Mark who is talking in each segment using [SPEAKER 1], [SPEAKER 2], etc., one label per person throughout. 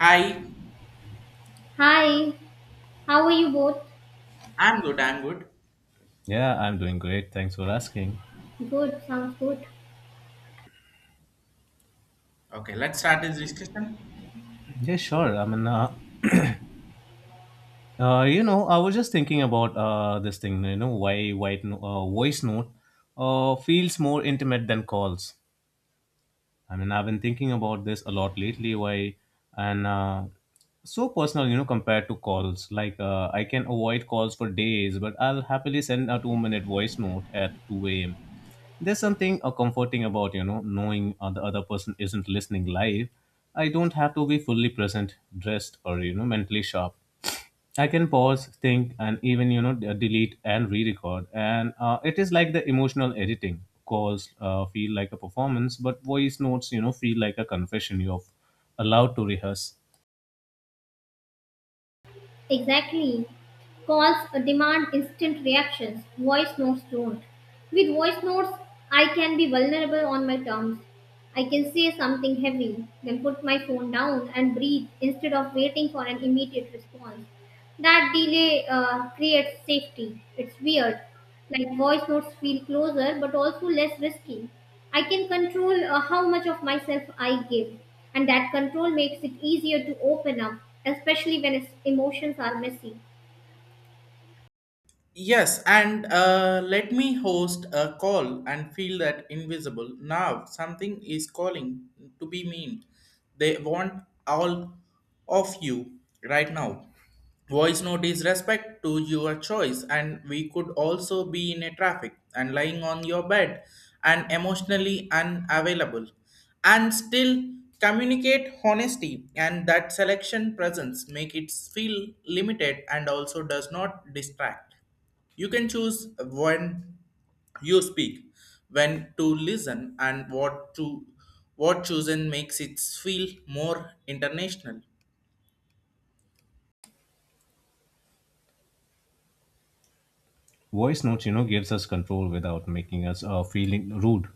[SPEAKER 1] Hi,
[SPEAKER 2] Hi, how are you both?
[SPEAKER 1] I'm good. I'm good.
[SPEAKER 3] Yeah, I'm doing great. Thanks for asking.
[SPEAKER 2] Good, sounds good.
[SPEAKER 1] Okay, let's start this discussion.
[SPEAKER 3] Yeah, sure. I mean, I was just thinking about this thing. Why white no- voice note feels more intimate than calls. I mean, I've been thinking about this a lot lately. Why and so personal, compared to calls. Like, I can avoid calls for days, but I'll happily send a 2-minute voice note at 2 a.m. There's something comforting about knowing the other person isn't listening live. I don't have to be fully present, dressed, or mentally sharp. I can pause, think, and even delete and re-record. And it is like the emotional editing. Calls feel like a performance, but voice notes feel like a confession you're allowed to rehearse.
[SPEAKER 2] Exactly. Calls demand instant reactions, voice notes don't. With voice notes, I can be vulnerable on my terms. I can say something heavy, then put my phone down and breathe instead of waiting for an immediate response. That delay creates safety. It's weird. Like voice notes feel closer but also less risky. I can control how much of myself I give, and that control makes it easier to open up, especially when it's- emotions are messy.
[SPEAKER 1] Yes, and let me host a call and feel that invisible. Now something is calling to be mean. They want all of you right now. Voice note is respect to your choice, and we could also be in a traffic and lying on your bed and emotionally unavailable and still communicate honesty and that selection presence make it feel limited and also does not distract you can choose when you speak, when to listen, and what to what chosen makes it feel more international.
[SPEAKER 3] Voice notes gives us control without making us feeling rude.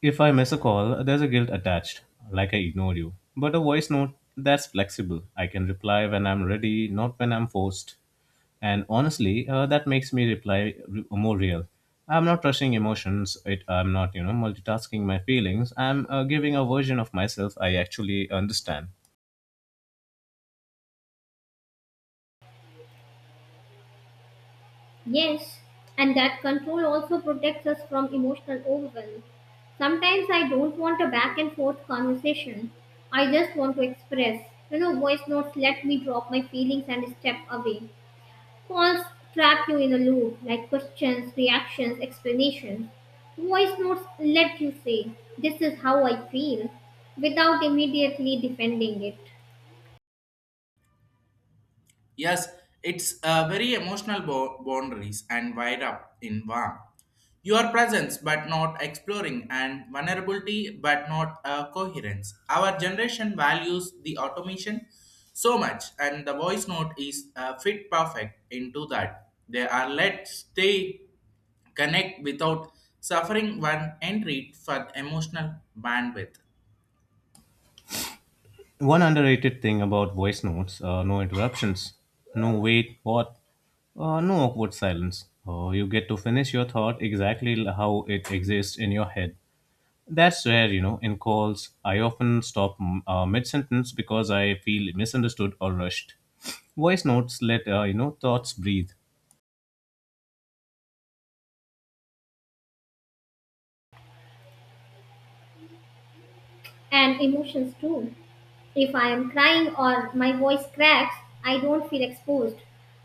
[SPEAKER 3] If I miss a call, there's a guilt attached, like I ignored you. But a voice note, that's flexible. I can reply when I'm ready, not when I'm forced. And honestly, that makes me reply more real. I'm not rushing emotions. I'm not, multitasking my feelings. I'm giving a version of myself I actually understand.
[SPEAKER 2] Yes, and that control also protects us from emotional overwhelm. Sometimes I don't want a back and forth conversation. I just want to express. You know, voice notes let me drop my feelings and step away. Calls trap you in a loop, like questions, reactions, explanations. Voice notes let you say, this is how I feel, without immediately defending it.
[SPEAKER 1] Yes, it's a very emotional boundaries and wide up in warm. Your presence but not exploring and vulnerability but not coherence. Our generation values the automation so much and the voice note is fit perfect into that. They are let stay connect without suffering one entry for emotional bandwidth.
[SPEAKER 3] One underrated thing about voice notes: no interruptions, no wait, what, no awkward silence. You get to finish your thought exactly how it exists in your head. That's where you know. In calls, I often stop mid-sentence because I feel misunderstood or rushed. Voice notes let thoughts breathe.
[SPEAKER 2] And emotions too. If I am crying or my voice cracks, I don't feel exposed.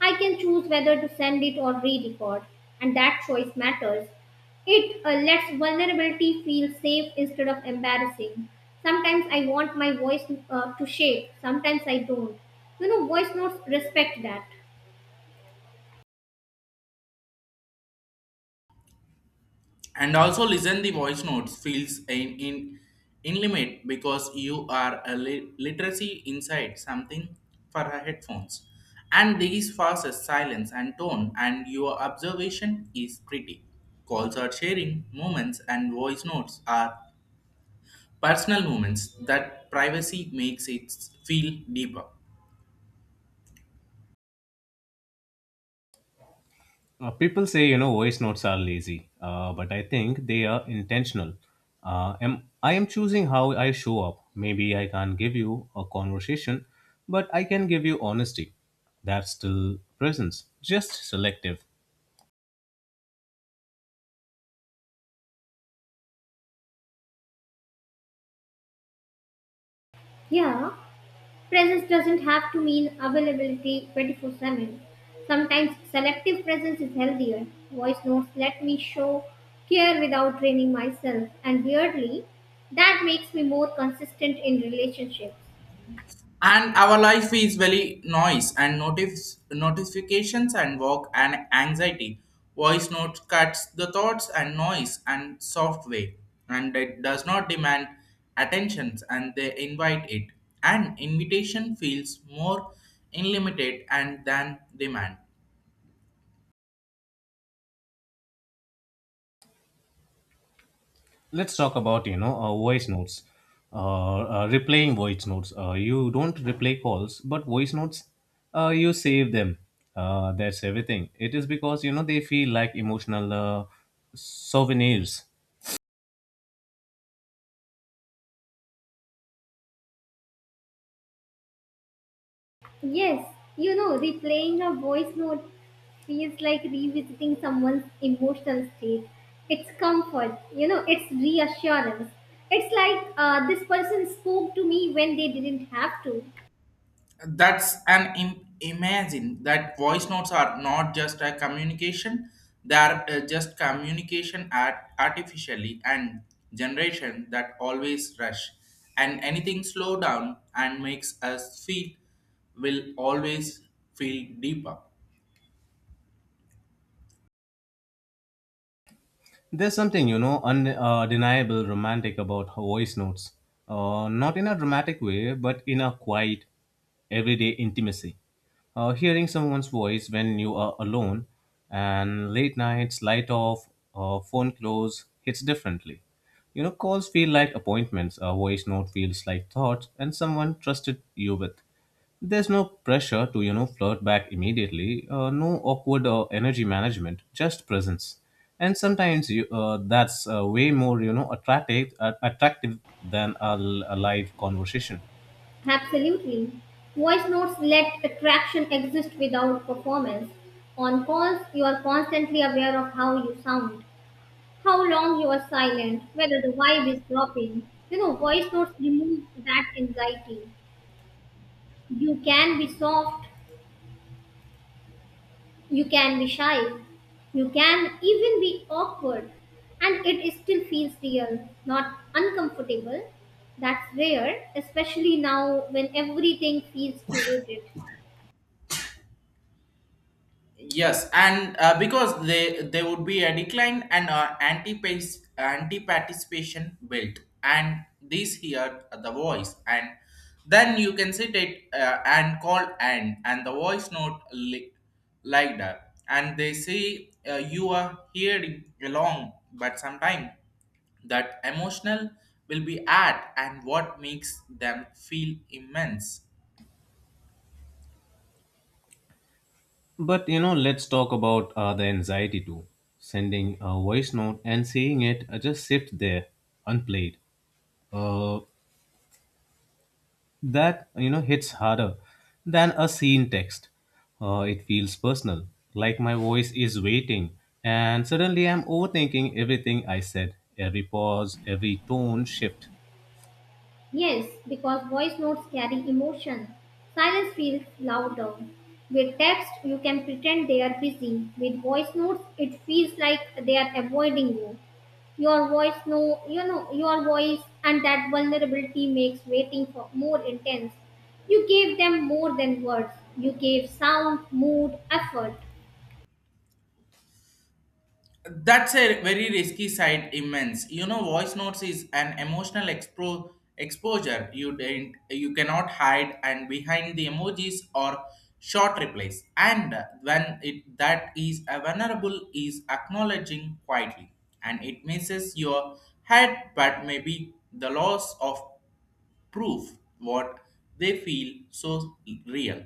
[SPEAKER 2] I can choose whether to send it or re record, and that choice matters. It lets vulnerability feel safe instead of embarrassing. Sometimes I want my voice to shake, sometimes I don't. You know, voice notes respect that.
[SPEAKER 1] And also listen the voice notes feels in limit because you are a literacy inside something for her headphones and these fastest silence and tone and your observation is pretty calls are sharing moments and voice notes are personal moments that privacy makes it feel deeper.
[SPEAKER 3] People say voice notes are lazy, but I think they are intentional. Am I am choosing how I show up. Maybe I can't give you a conversation, but I can give you honesty. That's still presence, just selective.
[SPEAKER 2] Yeah. Presence doesn't have to mean availability 24/7. Sometimes selective presence is healthier. Voice notes let me show care without draining myself, and weirdly, that makes me more consistent in relationships.
[SPEAKER 1] And our life is very noise and notice notifications and work and anxiety voice note cuts the thoughts and noise and software and it does not demand attentions and they invite it and invitation feels more unlimited and than demand.
[SPEAKER 3] Let's talk about voice notes uh, replaying voice notes. You don't replay calls, but voice notes, you save them. That's everything it is, because they feel like emotional souvenirs.
[SPEAKER 2] Yes, you know, replaying a voice note feels like revisiting someone's emotional state. It's comfort, you know, it's reassurance. It's like this person spoke to me when they didn't have to.
[SPEAKER 1] That's an imagine that voice notes are not just a communication they are just communication at artificially and generation that always rush and anything slow down and makes us feel will always feel deeper.
[SPEAKER 3] There's something, undeniable romantic about her voice notes. Not in a dramatic way, but in a quiet, everyday intimacy. Hearing someone's voice when you are alone and late nights, light off, phone close hits differently. Calls feel like appointments, a voice note feels like thoughts, and someone trusted you with. There's no pressure to, flirt back immediately, no awkward energy management, just presence. And sometimes that's way more, attractive than a live conversation.
[SPEAKER 2] Absolutely. Voice notes let attraction exist without performance. On calls, you are constantly aware of how you sound, how long you are silent, whether the vibe is dropping. You know, voice notes remove that anxiety. You can be soft, you can be shy, you can even be awkward, and it still feels real, not uncomfortable. That's rare, especially now when everything feels curated.
[SPEAKER 1] Yes, and because they there would be a decline and anti participation built, and these here are the voice, and then you can sit it and call and the voice note like that, and they say you are hearing along, but sometimes that emotional will be at and what makes them feel immense.
[SPEAKER 3] But, let's talk about the anxiety too. Sending a voice note and seeing it just sit there, unplayed. Uh, that hits harder than a scene text. It feels personal, like my voice is waiting, and suddenly I'm overthinking everything I said, every pause, every tone shift.
[SPEAKER 2] Yes, because voice notes carry emotion. Silence feels louder. With text, you can pretend they are busy. With voice notes, it feels like they are avoiding you. Your voice know you know your voice and that vulnerability makes waiting for more intense. You gave them more than words. You gave sound, mood, effort.
[SPEAKER 1] That's a very risky side, immense. You know, voice notes is an emotional exposure you didn't, you cannot hide, and behind the emojis or short replies. And when it that is a vulnerable is acknowledging quietly, and it misses your head, but maybe the loss of proof what they feel so real.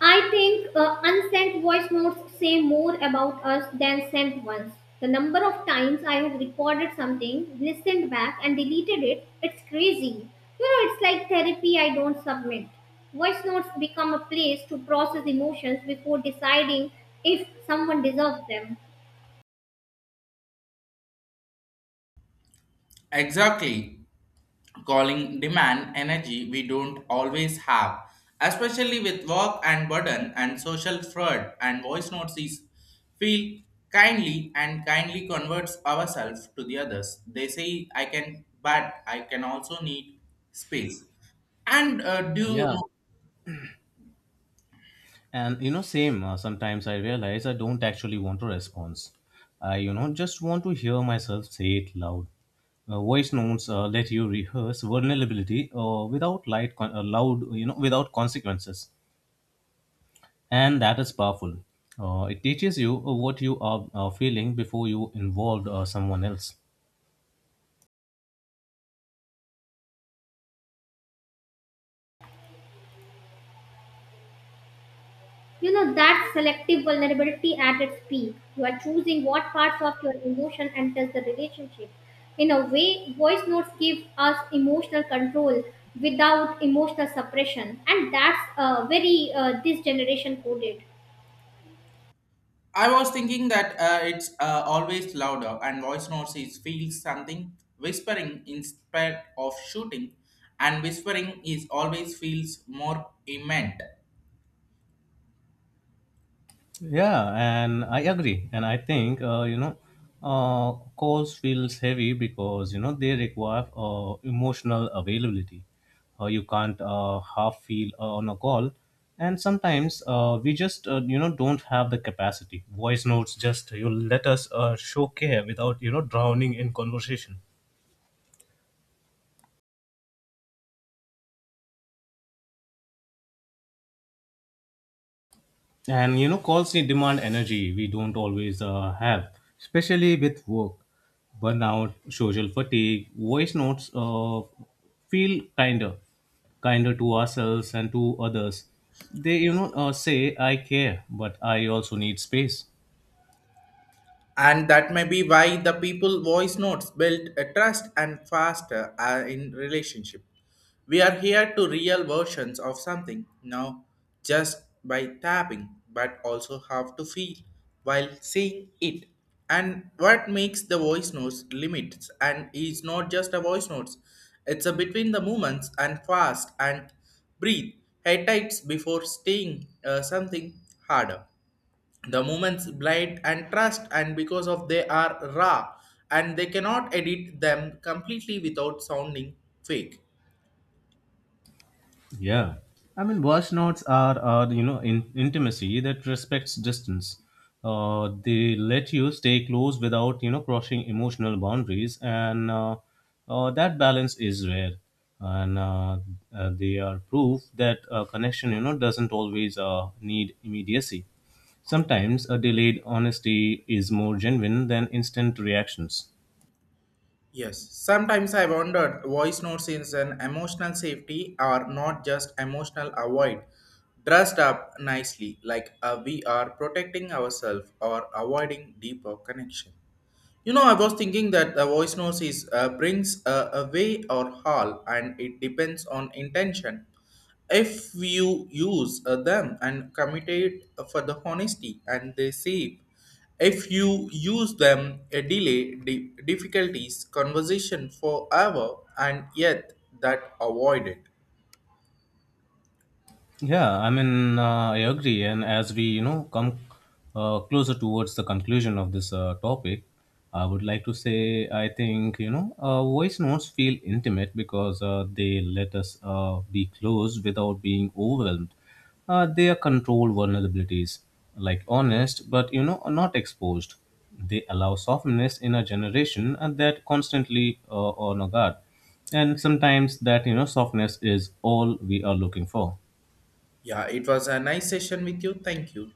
[SPEAKER 2] I think unsent voice notes say more about us than sent ones. The number of times I have recorded something, listened back, and deleted it, it's crazy. You know, it's like therapy I don't submit. Voice notes become a place to process emotions before deciding if someone deserves them.
[SPEAKER 1] Exactly. Calling demand energy we don't always have, especially with work and burden and social fraud and voice notes is feel kindly and kindly converts ourselves to the others. They say I can but I can also need space. And do you
[SPEAKER 3] Yeah,
[SPEAKER 1] know?
[SPEAKER 3] and same. Sometimes I realize I don't actually want a response. I just want to hear myself say it loud. Voice notes let you rehearse vulnerability without light loud without consequences. And that is powerful. It teaches you what you are feeling before you involve someone else.
[SPEAKER 2] You know, that's selective vulnerability at its peak. You are choosing what parts of your emotion enters the relationship. In a way, voice notes give us emotional control without emotional suppression, and that's very this generation coded.
[SPEAKER 1] I was thinking that it's always louder, and voice notes is feels something whispering instead of shooting, and whispering is always feels more immense.
[SPEAKER 3] Yeah, and I agree. And I think, calls feels heavy because, they require emotional availability. You can't half feel on a call. And sometimes we just, don't have the capacity. Voice notes you let us show care without, drowning in conversation. And calls need demand energy we don't always have, especially with work, burnout, social fatigue. Voice notes feel kinder, kinder to ourselves and to others. They, say I care, but I also need space.
[SPEAKER 1] And that may be why the people voice notes built a trust and faster in relationship we are here to real versions of something now just by tapping but also have to feel while seeing it and what makes the voice notes limits and is not just a voice notes it's a between the movements and fast and breathe head tights before staying something harder the moments, blind and trust and because of they are raw and they cannot edit them completely without sounding fake.
[SPEAKER 3] Yeah. I mean, voice notes are intimacy that respects distance. They let you stay close without, crossing emotional boundaries, and that balance is rare. And they are proof that a connection, doesn't always need immediacy. Sometimes a delayed honesty is more genuine than instant reactions.
[SPEAKER 1] Yes, sometimes I wondered voice notes is an emotional safety or not just emotional avoid. Dressed up nicely, like we are protecting ourselves or avoiding deeper connection. You know, I was thinking that the voice notes is brings a way or hall, and it depends on intention. If you use them and committed for the honesty, and they save. If you use them, a delay difficulties conversation forever, and yet that avoided.
[SPEAKER 3] Yeah, I mean, I agree. And as we, come closer towards the conclusion of this topic, I would like to say I think, voice notes feel intimate because they let us be close without being overwhelmed. They are controlled vulnerabilities, like honest, but, not exposed. They allow softness in a generation and that constantly on a guard. And sometimes that, softness is all we are looking for.
[SPEAKER 1] Yeah, it was a nice session with you. Thank you.